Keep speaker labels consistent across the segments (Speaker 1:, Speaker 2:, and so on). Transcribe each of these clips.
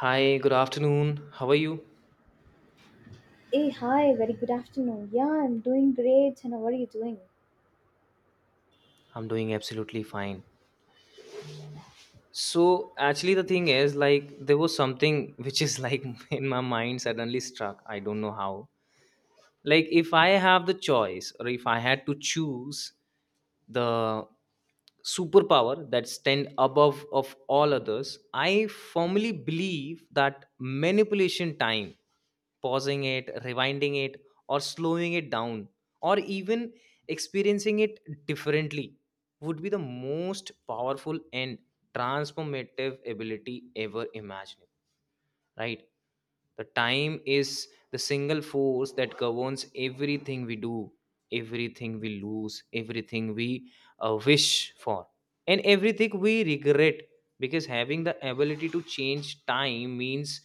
Speaker 1: Hi, good afternoon. How are you?
Speaker 2: Hey, hi, very good afternoon. Yeah, I'm doing great. And how are you doing?
Speaker 1: I'm doing absolutely fine. So, actually, the thing is, like, there was something which is like in my mind suddenly struck. I don't know how. Like, if I have the choice or if I had to choose the superpower that stand above of all others, I firmly believe that manipulation time, pausing it, rewinding it, or slowing it down, or even experiencing it differently, would be the most powerful and transformative ability ever imaginable, right? The time is the single force that governs everything we do, everything we lose, everything we wish for, and everything we regret. Because having the ability to change time means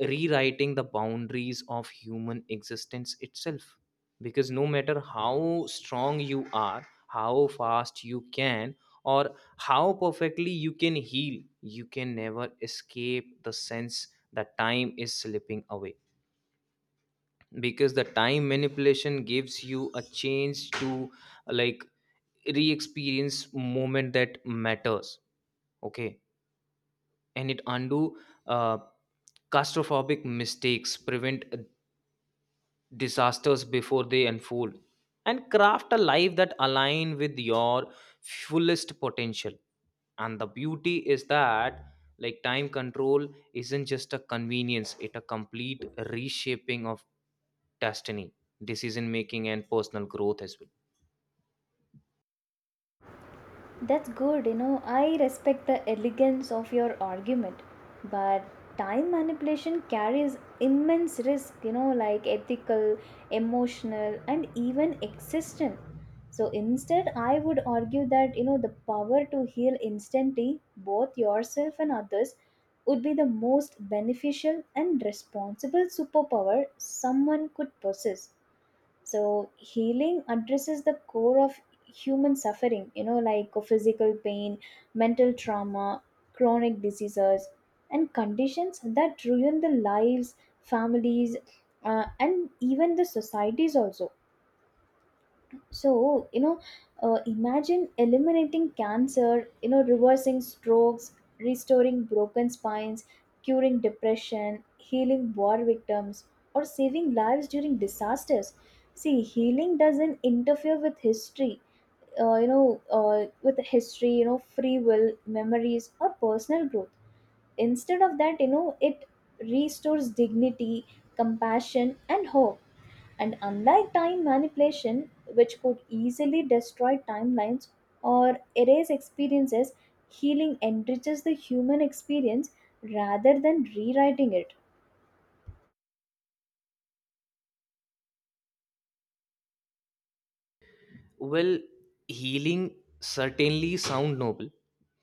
Speaker 1: rewriting the boundaries of human existence itself, because no matter how strong you are, how fast you can, or how perfectly you can heal, you can never escape the sense that time is slipping away. Because the time manipulation gives you a chance to, like, re-experience moment that matters. Okay, and it undo uh, claustrophobic mistakes, prevent disasters before they unfold, and craft a life that align with your fullest potential. And the beauty is that, like, time control isn't just a convenience, it a complete reshaping of destiny, decision making, and personal growth as well.
Speaker 2: That's good, you know. I respect the elegance of your argument, but time manipulation carries immense risk, you know, like ethical, emotional, and even existential. So instead, I would argue that, you know, the power to heal instantly, both yourself and others, would be the most beneficial and responsible superpower someone could possess. So healing addresses the core of human suffering, you know, like physical pain, mental trauma, chronic diseases, and conditions that ruin the lives, families, and even the societies also. So, you know, imagine eliminating cancer, you know, reversing strokes, restoring broken spines, curing depression, healing war victims, or saving lives during disasters. See, healing doesn't interfere with history, with history, you know, free will, memories, or personal growth. Instead of that, you know, it restores dignity, compassion, and hope, and unlike time manipulation, which could easily destroy timelines or erase experiences, healing enriches the human experience rather than rewriting it.
Speaker 1: Well, healing certainly sound noble,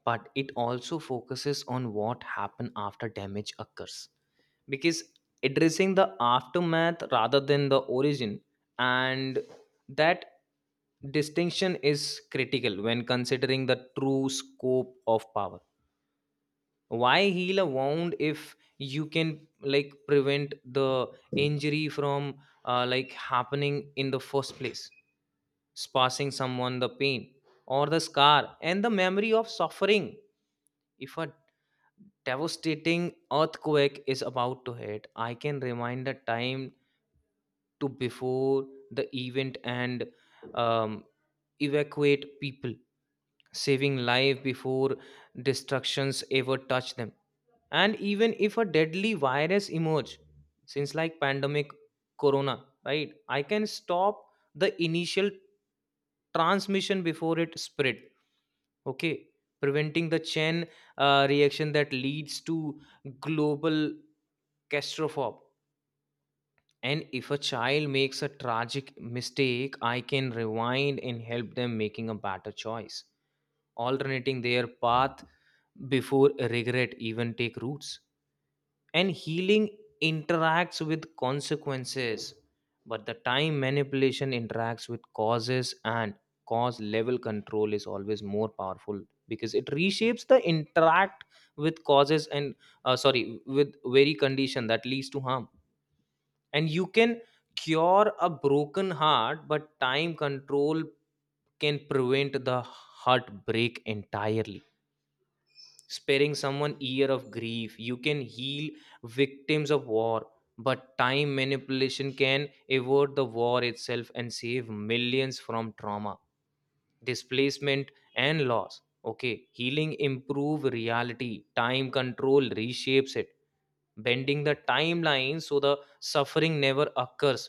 Speaker 1: but it also focuses on what happen after damage occurs. Because addressing the aftermath rather than the origin, and that distinction is critical when considering the true scope of power. Why heal a wound if you can, like, prevent the injury from like happening in the first place? Passing someone the pain or the scar and the memory of suffering. If a devastating earthquake is about to hit, I can remind the time to before the event and um, evacuate people, saving life before destructions ever touch them. And even if a deadly virus emerge, since like pandemic corona, right, I can stop the initial transmission before it spread. Okay, preventing the chain reaction that leads to global catastrophe. And if a child makes a tragic mistake, I can rewind and help them making a better choice, alternating their path before regret even take roots. And healing interacts with consequences, but the time manipulation interacts with causes, and cause level control is always more powerful because it reshapes the interact with causes and, sorry, with very condition that leads to harm. And you can cure a broken heart, but time control can prevent the heartbreak entirely, sparing someone year of grief. You can heal victims of war, but time manipulation can avert the war itself and save millions from trauma, displacement, and loss. Okay, healing improve reality, time control reshapes it, bending the timeline so the suffering never occurs.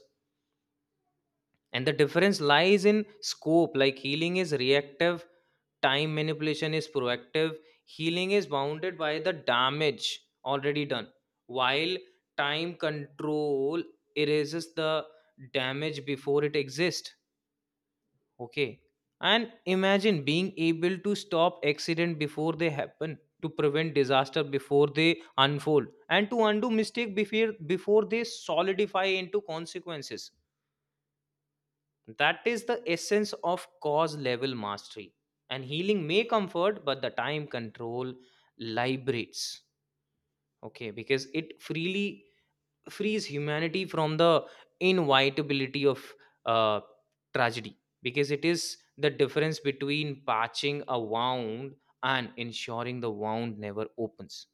Speaker 1: And the difference lies in scope, like healing is reactive, time manipulation is proactive. Healing is bounded by the damage already done, while time control erases the damage before it exists. Okay, and imagine being able to stop accident before they happen, to prevent disaster before they unfold, and to undo mistake before they solidify into consequences. That is the essence of cause level mastery. And healing may comfort, but the time control liberates. Okay, because it freely frees humanity from the inevitability of uh, tragedy. Because it is the difference between patching a wound and ensuring the wound never opens.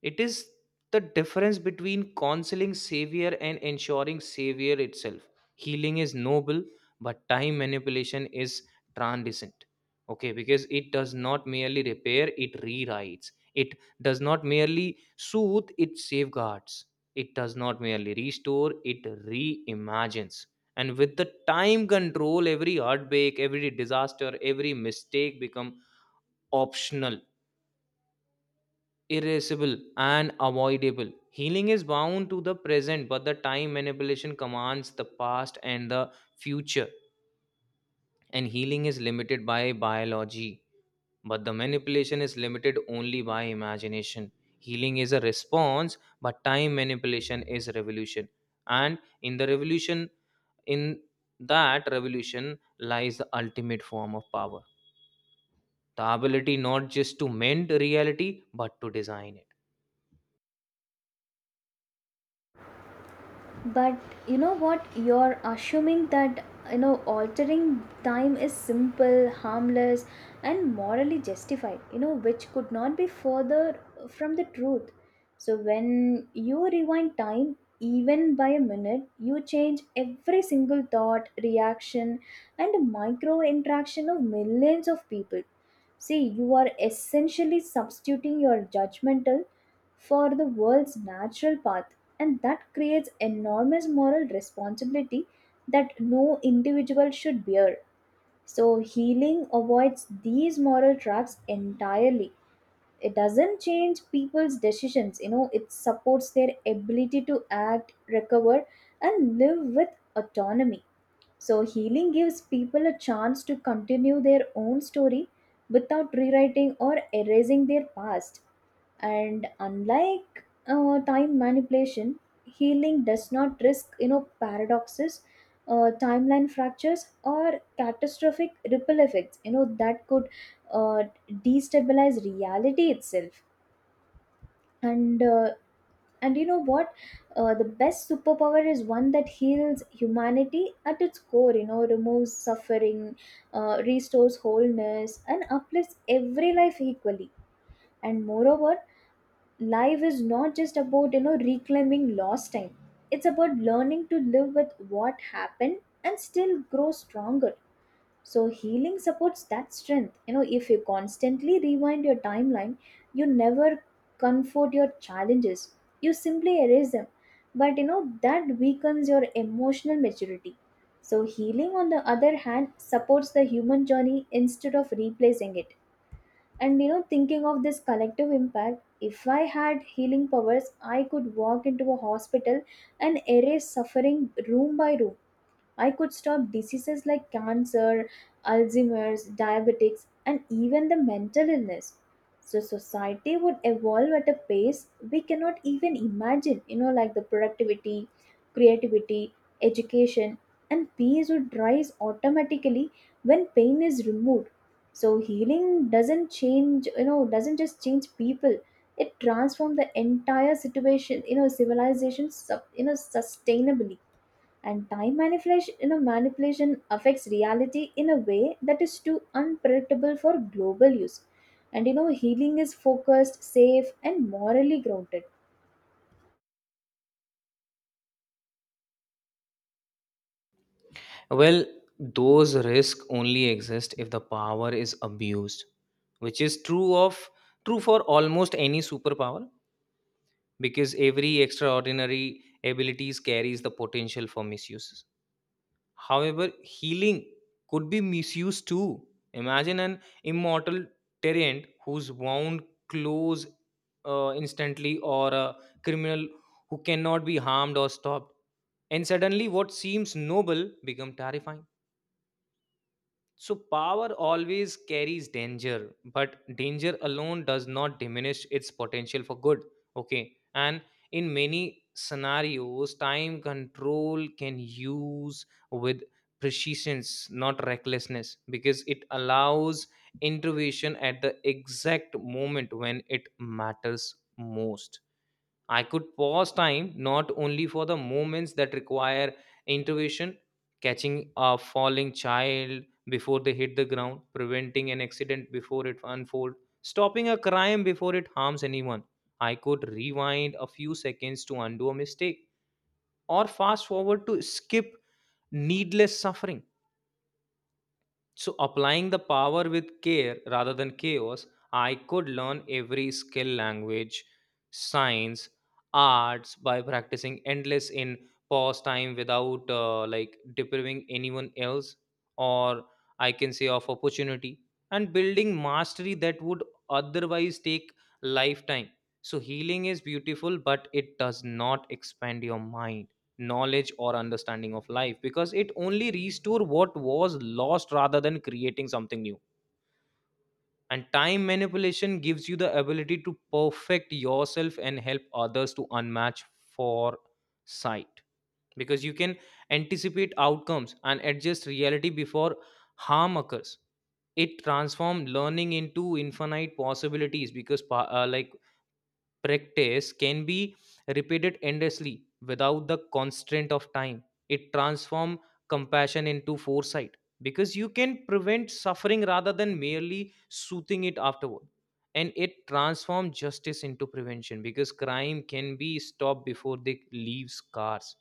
Speaker 1: It is the difference between counseling savior and ensuring savior itself. Healing is noble, but time manipulation is transient. Okay, because it does not merely repair, it rewrites. It does not merely soothe, it safeguards. It does not merely restore, it reimagines. And with the time control, every heartbreak, every disaster, every mistake become optional, irreversible, and avoidable. Healing is bound to the present, but the time manipulation commands the past and the future. And healing is limited by biology, but the manipulation is limited only by imagination. Healing is a response, but time manipulation is revolution. And in the revolution, in that revolution lies the ultimate form of power, the ability not just to mend reality, but to design it.
Speaker 2: But you know what? You're assuming that, you know, altering time is simple, harmless, and morally justified, you know, which could not be further from the truth. So when you rewind time even by a minute, you change every single thought, reaction, and micro interaction of millions of people. See, you are essentially substituting your judgmental for the world's natural path, and that creates enormous moral responsibility that no individual should bear. So, healing avoids these moral traps entirely. It doesn't change people's decisions, you know, it supports their ability to act, recover, and live with autonomy. So, healing gives people a chance to continue their own story without rewriting or erasing their past, and unlike time manipulation, healing does not risk, you know, paradoxes, timeline fractures, or catastrophic ripple effects, you know, that could uh, destabilize reality itself. And and you know what the best superpower is one that heals humanity at its core, you know, removes suffering, restores wholeness, and uplifts every life equally. And moreover, life is not just about, you know, reclaiming lost time, it's about learning to live with what happened and still grow stronger. So healing supports that strength. You know, if you constantly rewind your timeline, you never comfort your challenges, you simply erase them, but you know that weakens your emotional maturity. So healing, on the other hand, supports the human journey instead of replacing it. And, you know, thinking of this collective impact, if I had healing powers, I could walk into a hospital and erase suffering room by room. I could stop diseases like cancer, Alzheimer's, diabetics, and even the mental illness. So society would evolve at a pace we cannot even imagine, you know, like the productivity, creativity, education, and peace would rise automatically when pain is removed. So healing doesn't change, you know, doesn't just change people. It transforms the entire situation, you know, civilization, sub, you know, sustainably. And time manipulation, you know, manipulation affects reality in a way that is too unpredictable for global use. And you know, healing is focused, safe, and morally grounded.
Speaker 1: Well, those risks only exist if the power is abused, which is true for almost any superpower, because every extraordinary abilities carries the potential for misuses. However, healing could be misused too. Imagine an immortal tyrant who's wound close instantly, or a criminal who cannot be harmed or stopped. And suddenly what seems noble become terrifying. So, power always carries danger, but danger alone does not diminish its potential for good. Okay. And in many scenarios, time control can use with precision, not recklessness, because it allows intervention at the exact moment when it matters most. I could pause time not only for the moments that require intervention, catching a falling child before they hit the ground, preventing an accident before it unfolds, stopping a crime before it harms anyone. I could rewind a few seconds to undo a mistake or fast forward to skip needless suffering. So, applying the power with care rather than chaos, I could learn every skill, language, science, arts by practicing endless in pause time without like depriving anyone else, or I can say of opportunity, and building mastery that would otherwise take lifetime. So, healing is beautiful, but it does not expand your mind, knowledge, or understanding of life, because it only restore what was lost rather than creating something new. And time manipulation gives you the ability to perfect yourself and help others to unmatch for sight, because you can anticipate outcomes and adjust reality before harm occurs. It transforms learning into infinite possibilities because like practice can be repeated endlessly without the constraint of time. It transforms compassion into foresight because you can prevent suffering rather than merely soothing it afterward. And it transforms justice into prevention because crime can be stopped before they leave scars.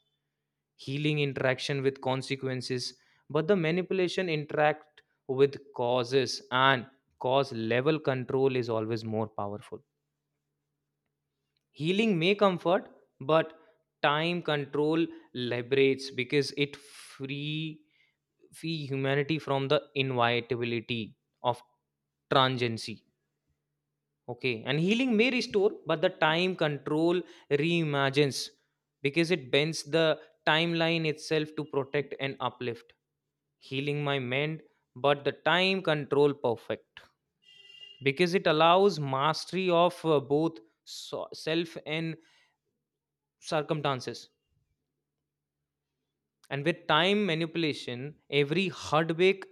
Speaker 1: Healing interaction with consequences, but the manipulation interact with causes, and cause level control is always more powerful. Healing may comfort, but time control liberates because it free humanity from the inevitability of transiency. Okay, and healing may restore, but the time control reimagines because it bends the timeline itself to protect and uplift. Healing my mend, but the time control perfect because it allows mastery of both self and circumstances. And with time manipulation, every heartbreak,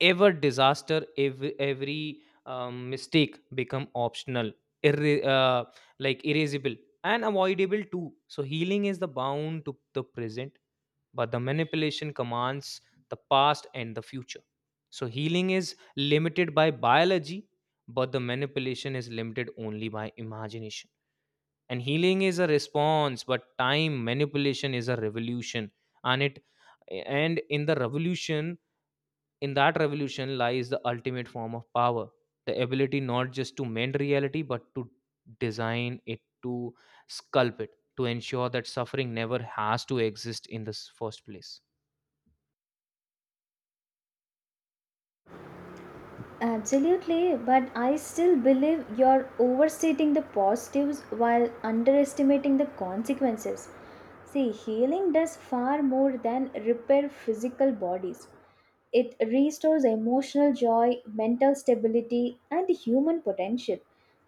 Speaker 1: ever disaster, every mistake become optional, irre- uh, like erasable, and avoidable too. So healing is the bound to the present, but the manipulation commands the past and the future. So healing is limited by biology, but the manipulation is limited only by imagination. And healing is a response, but time manipulation is a revolution. and it and in the revolution, in that revolution lies the ultimate form of power, the ability not just to mend reality, but to design it, to sculpt it, to ensure that suffering never has to exist in the first place.
Speaker 2: Absolutely, but I still believe you're overstating the positives while underestimating the consequences. See, healing does far more than repair physical bodies. It restores emotional joy, mental stability, and human potential.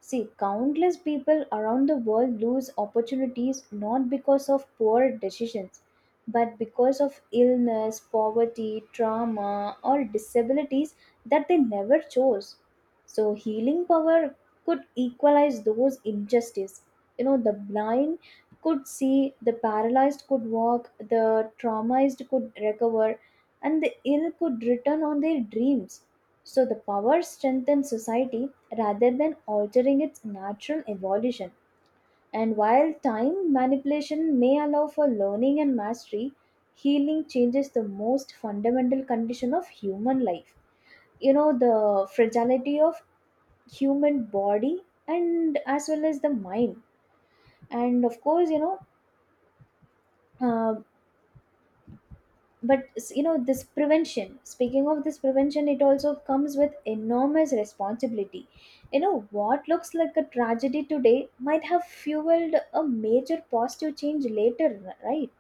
Speaker 2: See, countless people around the world lose opportunities not because of poor decisions, but because of illness, poverty, trauma, or disabilities that they never chose. So healing power could equalize those injustice. You know, the blind could see, the paralyzed could walk, the traumatized could recover, and the ill could return on their dreams. So the power strengthens society rather than altering its natural evolution. And while time manipulation may allow for learning and mastery, healing changes the most fundamental condition of human life, you know, the fragility of human body and as well as the mind. And of course, you know, uh, but you know, this prevention, speaking of this prevention, it also comes with enormous responsibility. You know, what looks like a tragedy today might have fueled a major positive change later, right?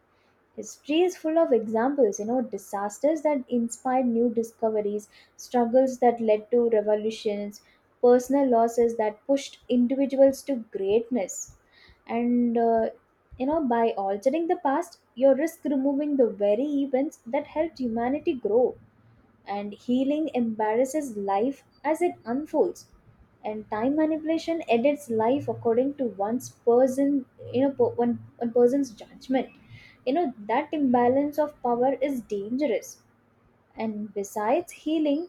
Speaker 2: History is full of examples, you know, disasters that inspired new discoveries, struggles that led to revolutions, personal losses that pushed individuals to greatness. And you know, by altering the past, you risk removing the very events that helped humanity grow. And healing embarrasses life as it unfolds, and time manipulation edits life according to one's person, you know, one person's judgment. You know, that imbalance of power is dangerous. And besides healing,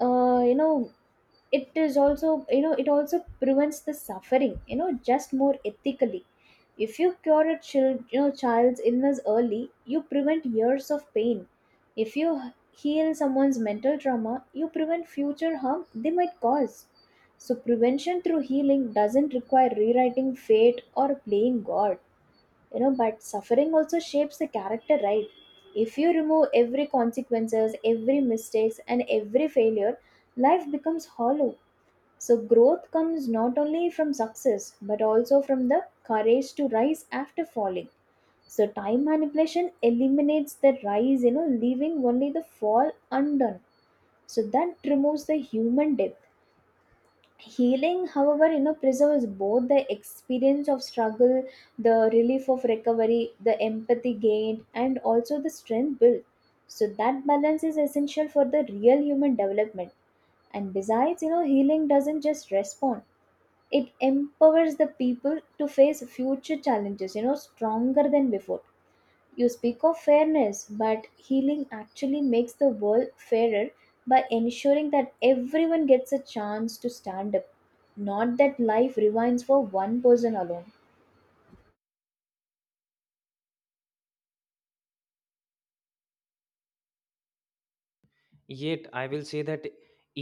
Speaker 2: you know, it is also, you know, it also prevents the suffering, you know, just more ethically. If you cure a child, you know, child's illness early, you prevent years of pain. If you heal someone's mental trauma, you prevent future harm they might cause. So prevention through healing doesn't require rewriting fate or playing god. You know, but suffering also shapes the character, right? If you remove every consequences, every mistakes, and every failure, life becomes hollow. So growth comes not only from success but also from the courage to rise after falling. So time manipulation eliminates the rise, you know, leaving only the fall undone. So that removes the human depth. Healing, however, you know, preserves both the experience of struggle, the relief of recovery, the empathy gained, and also the strength built. So that balance is essential for the real human development. And besides, you know, healing doesn't just respond, it empowers the people to face future challenges, you know, stronger than before. You speak of fairness, but healing actually makes the world fairer by ensuring that everyone gets a chance to stand up, not that life rewinds for one person alone.
Speaker 1: Yet I will say that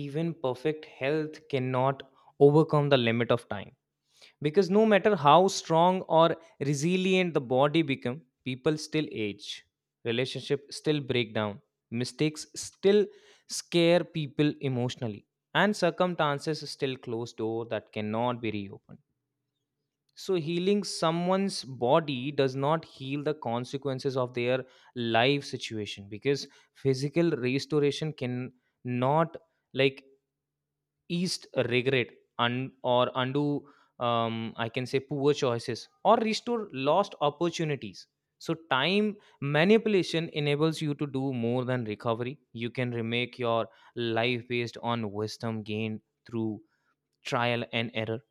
Speaker 1: even perfect health cannot overcome the limit of time, because no matter how strong or resilient the body become, people still age, relationship still break down, mistakes still scare people emotionally, and circumstances still close door that cannot be reopened. So healing someone's body does not heal the consequences of their life situation, because physical restoration can not like, eased regret and or undo, I can say, poor choices or restore lost opportunities. So time manipulation enables you to do more than recovery. You can remake your life based on wisdom gained through trial and error,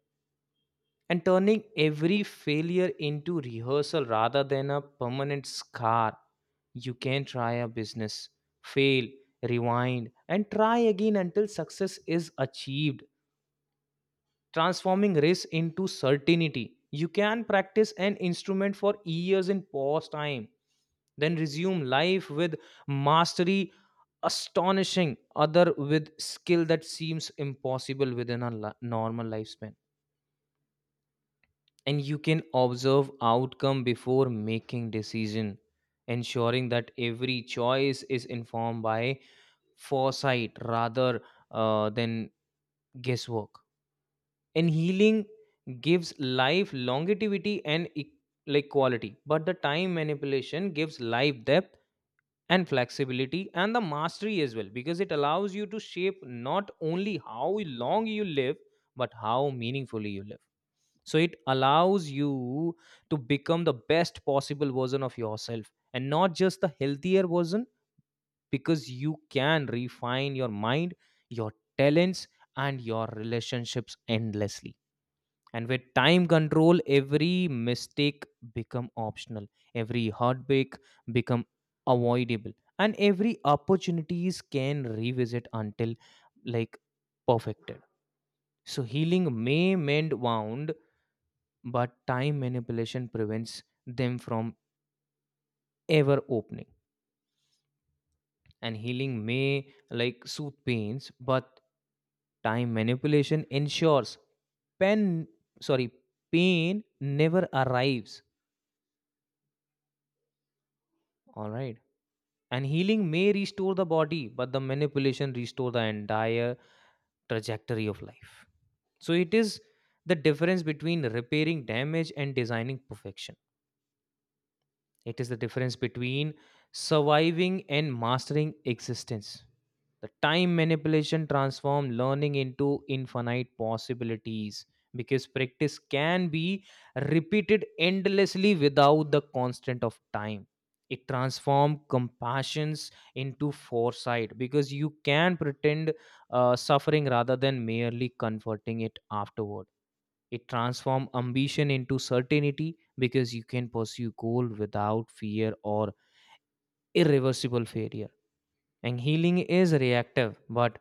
Speaker 1: and turning every failure into rehearsal rather than a permanent scar. You can try a business, fail, rewind, and try again until success is achieved, transforming risk into certainty. You can practice an instrument for years in pause time, then resume life with mastery, astonishing other with skill that seems impossible within a normal lifespan. And you can observe outcome before making decision, ensuring that every choice is informed by foresight rather than guesswork. And healing gives life longevity and like quality, but the time manipulation gives life depth and flexibility and the mastery as well, because it allows you to shape not only how long you live but how meaningfully you live. So it allows you to become the best possible version of yourself, and not just the healthier version, because you can refine your mind, your talents, and your relationships endlessly. And with time control, every mistake become optional, every heartbreak become avoidable, and every opportunities can revisit until, like, perfected. So healing may mend wound, but time manipulation prevents them from ever opening. And healing may, like, soothe pains, but time manipulation ensures pen sorry pain never arrives. All right. And healing may restore the body, but the manipulation restore the entire trajectory of life. So it is the difference between repairing damage and designing perfection. It is the difference between surviving and mastering existence. The time manipulation transforms learning into infinite possibilities because practice can be repeated endlessly without the constant of time. It transforms compassions into foresight because you can pretend suffering rather than merely converting it afterward. It transforms ambition into certainty because you can pursue goal without fear or irreversible failure. And healing is reactive, but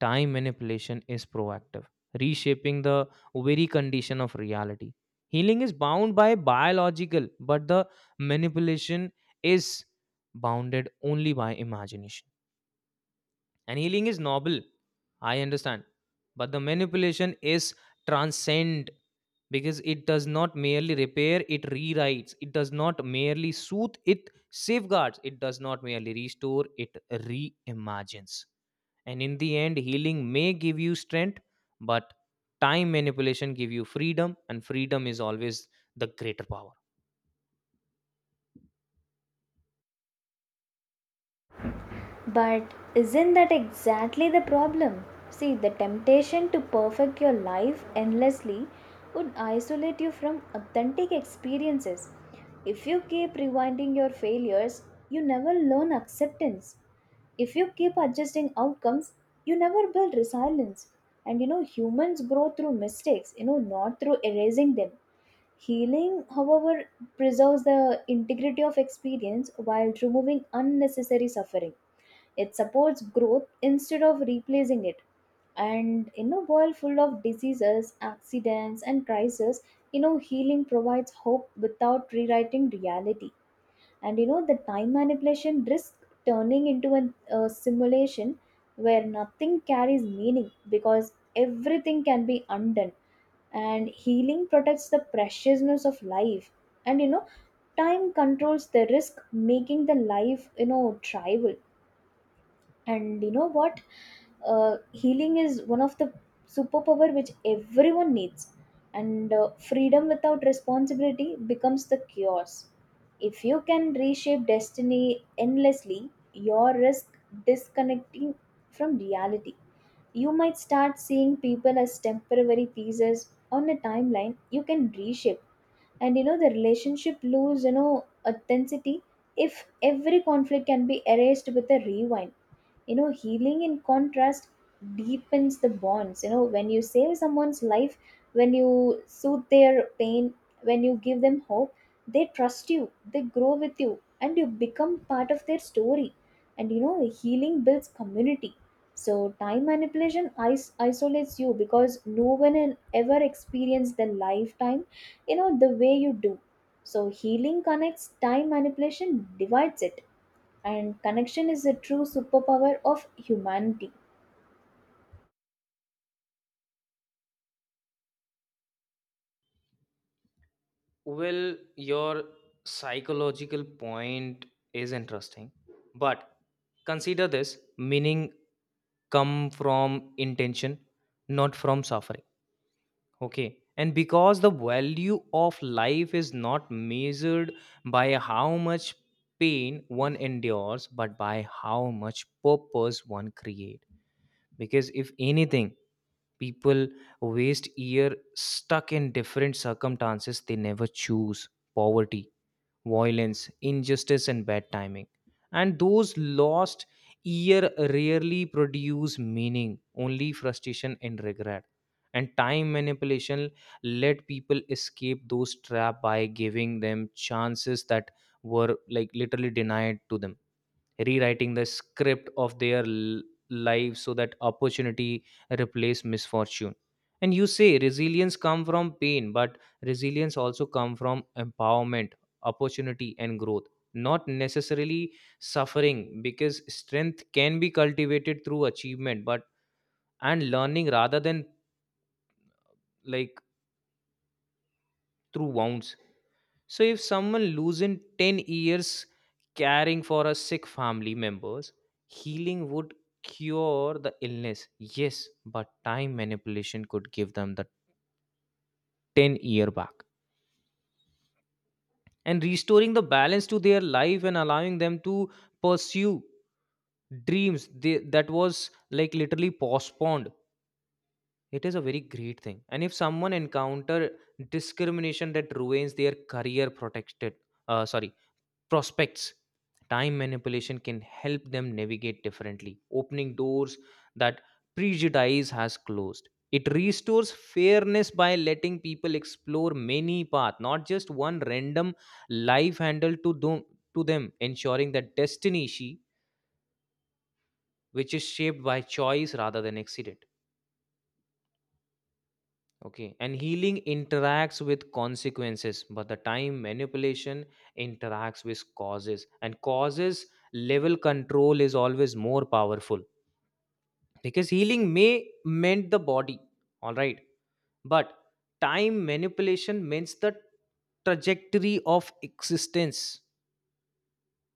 Speaker 1: time manipulation is proactive, reshaping the very condition of reality. Healing is bound by biological, but the manipulation is bounded only by imagination. And healing is noble, I understand. But the manipulation is transcend because it does not merely repair, it rewrites. It does not merely soothe, it safeguards. It does not merely restore, it reimagines. And in the end, healing may give you strength, but time manipulation give you freedom, and freedom is always the greater power.
Speaker 2: But isn't that exactly the problem? See, the temptation to perfect your life endlessly would isolate you from authentic experiences. If you keep rewinding your failures, you never learn acceptance. If you keep adjusting outcomes, you never build resilience. And you know, humans grow through mistakes, you know, not through erasing them. Healing, however, preserves the integrity of experience while removing unnecessary suffering. It supports growth instead of replacing it. And in a world full of diseases, accidents, and crises, you know, healing provides hope without rewriting reality. And you know, the time manipulation risks turning into a simulation where nothing carries meaning because everything can be undone. And healing protects the preciousness of life. And, you know, time controls the risk, making the life, you know, tribal. And you know what, healing is one of the superpower which everyone needs. And freedom without responsibility becomes the chaos. If you can reshape destiny endlessly, your risk disconnecting from reality. You might start seeing people as temporary pieces on a timeline you can reshape. And, you know, the relationship lose, you know, authenticity if every conflict can be erased with a rewind. You know, healing, in contrast, deepens the bonds. You know, when you save someone's life, when you soothe their pain, when you give them hope, they trust you, they grow with you, and you become part of their story. And, you know, healing builds community. So time manipulation isolates you because no one has ever experienced the lifetime, you know, the way you do. So healing connects, time manipulation divides it. And connection is the true superpower of humanity.
Speaker 1: Well, your psychological point is interesting, but consider this meaning come from intention, not from suffering. Okay. And because the value of life is not measured by how much pain one endures, but by how much purpose one creates. Because if anything, people waste year stuck in different circumstances they never choose: poverty, violence, injustice, and bad timing. And those lost year rarely produce meaning, only frustration and regret. And time manipulation let people escape those trap by giving them chances that were like literally denied to them, rewriting the script of their lives so that opportunity replace misfortune. And you say resilience come from pain, but resilience also come from empowerment, opportunity, and growth, not necessarily suffering, because strength can be cultivated through achievement but and learning rather than like through wounds. So if someone loses 10 years caring for a sick family members, healing would cure the illness. Yes, but time manipulation could give them the 10-year back and restoring the balance to their life and allowing them to pursue dreams that was like literally postponed. It is a very great thing. And if someone encounter discrimination that ruins their career protected, sorry, prospects, time manipulation can help them navigate differently, opening doors that prejudice has closed. It restores fairness by letting people explore many paths, not just one random life handle to them ensuring that destiny she which is shaped by choice rather than accident. Okay, and healing interacts with consequences, but the time manipulation interacts with causes, and causes level control is always more powerful, because healing may mend the body, all right, but time manipulation mends the trajectory of existence.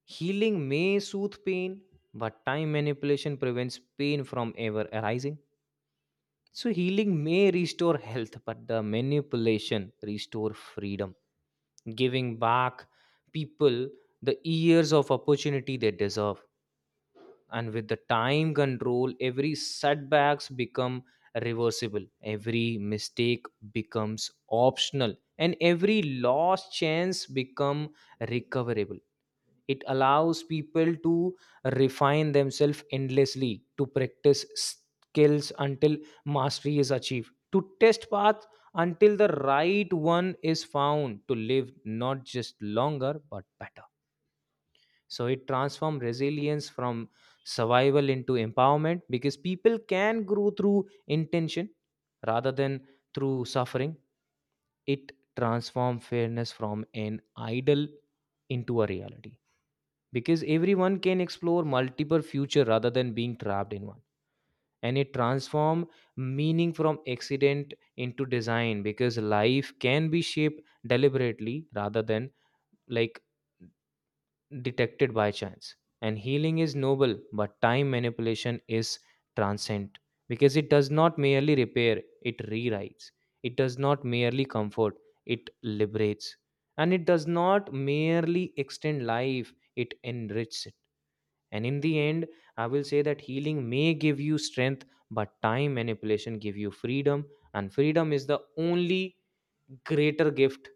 Speaker 1: Healing may soothe pain, but time manipulation prevents pain from ever arising. So, healing may restore health, but the manipulation restore freedom, giving back people the years of opportunity they deserve. And with the time control, every setbacks become reversible, every mistake becomes optional, and every lost chance become recoverable. It allows people to refine themselves endlessly, to practice skills until mastery is achieved, to test path until the right one is found, to live not just longer but better. So it transforms resilience from survival into empowerment because people can grow through intention rather than through suffering. It transforms fairness from an idol into a reality because everyone can explore multiple future rather than being trapped in one. And it transform meaning from accident into design because life can be shaped deliberately rather than like detected by chance. And healing is noble, but time manipulation is transcend because it does not merely repair, it rewrites. It does not merely comfort, it liberates. And it does not merely extend life, it enriches it. And in the end, I will say that healing may give you strength, but time manipulation give you freedom, and freedom is the only greater gift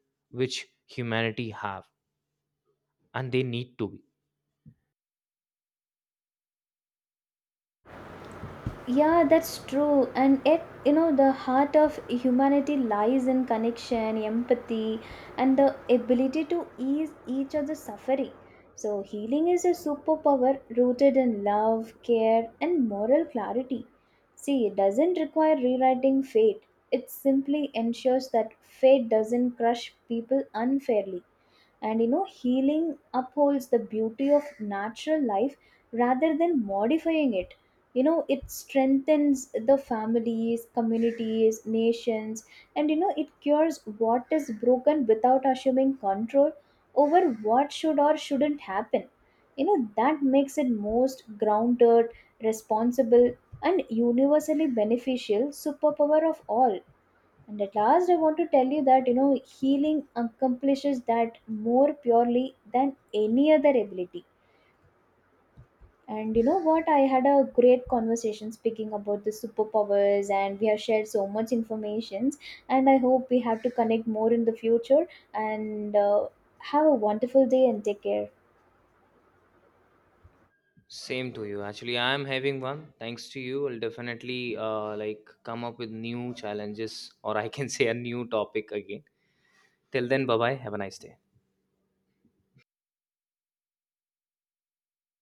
Speaker 1: which humanity have and they need to be.
Speaker 2: Yeah, that's true. And yet, you know, the heart of humanity lies in connection, empathy, and the ability to ease each other's suffering. So healing is a superpower rooted in love, care, and moral clarity. See, it doesn't require rewriting fate, it simply ensures that fate doesn't crush people unfairly. And you know, healing upholds the beauty of natural life rather than modifying it. You know, it strengthens the families, communities, nations. And you know, it cures what is broken without assuming control over what should or shouldn't happen. You know, that makes it most grounded, responsible, and universally beneficial superpower of all. And at last, I want to tell you that, you know, healing accomplishes that more purely than any other ability. And you know what? I had a great conversation speaking about the superpowers, and we have shared so much informations. And I hope we have to connect more in the future. And have a wonderful day and take care.
Speaker 1: Same to you, actually. I am having one, thanks to you. I'll definitely like come up with new challenges, or I can say a new topic again. Till then, bye bye, have a nice day.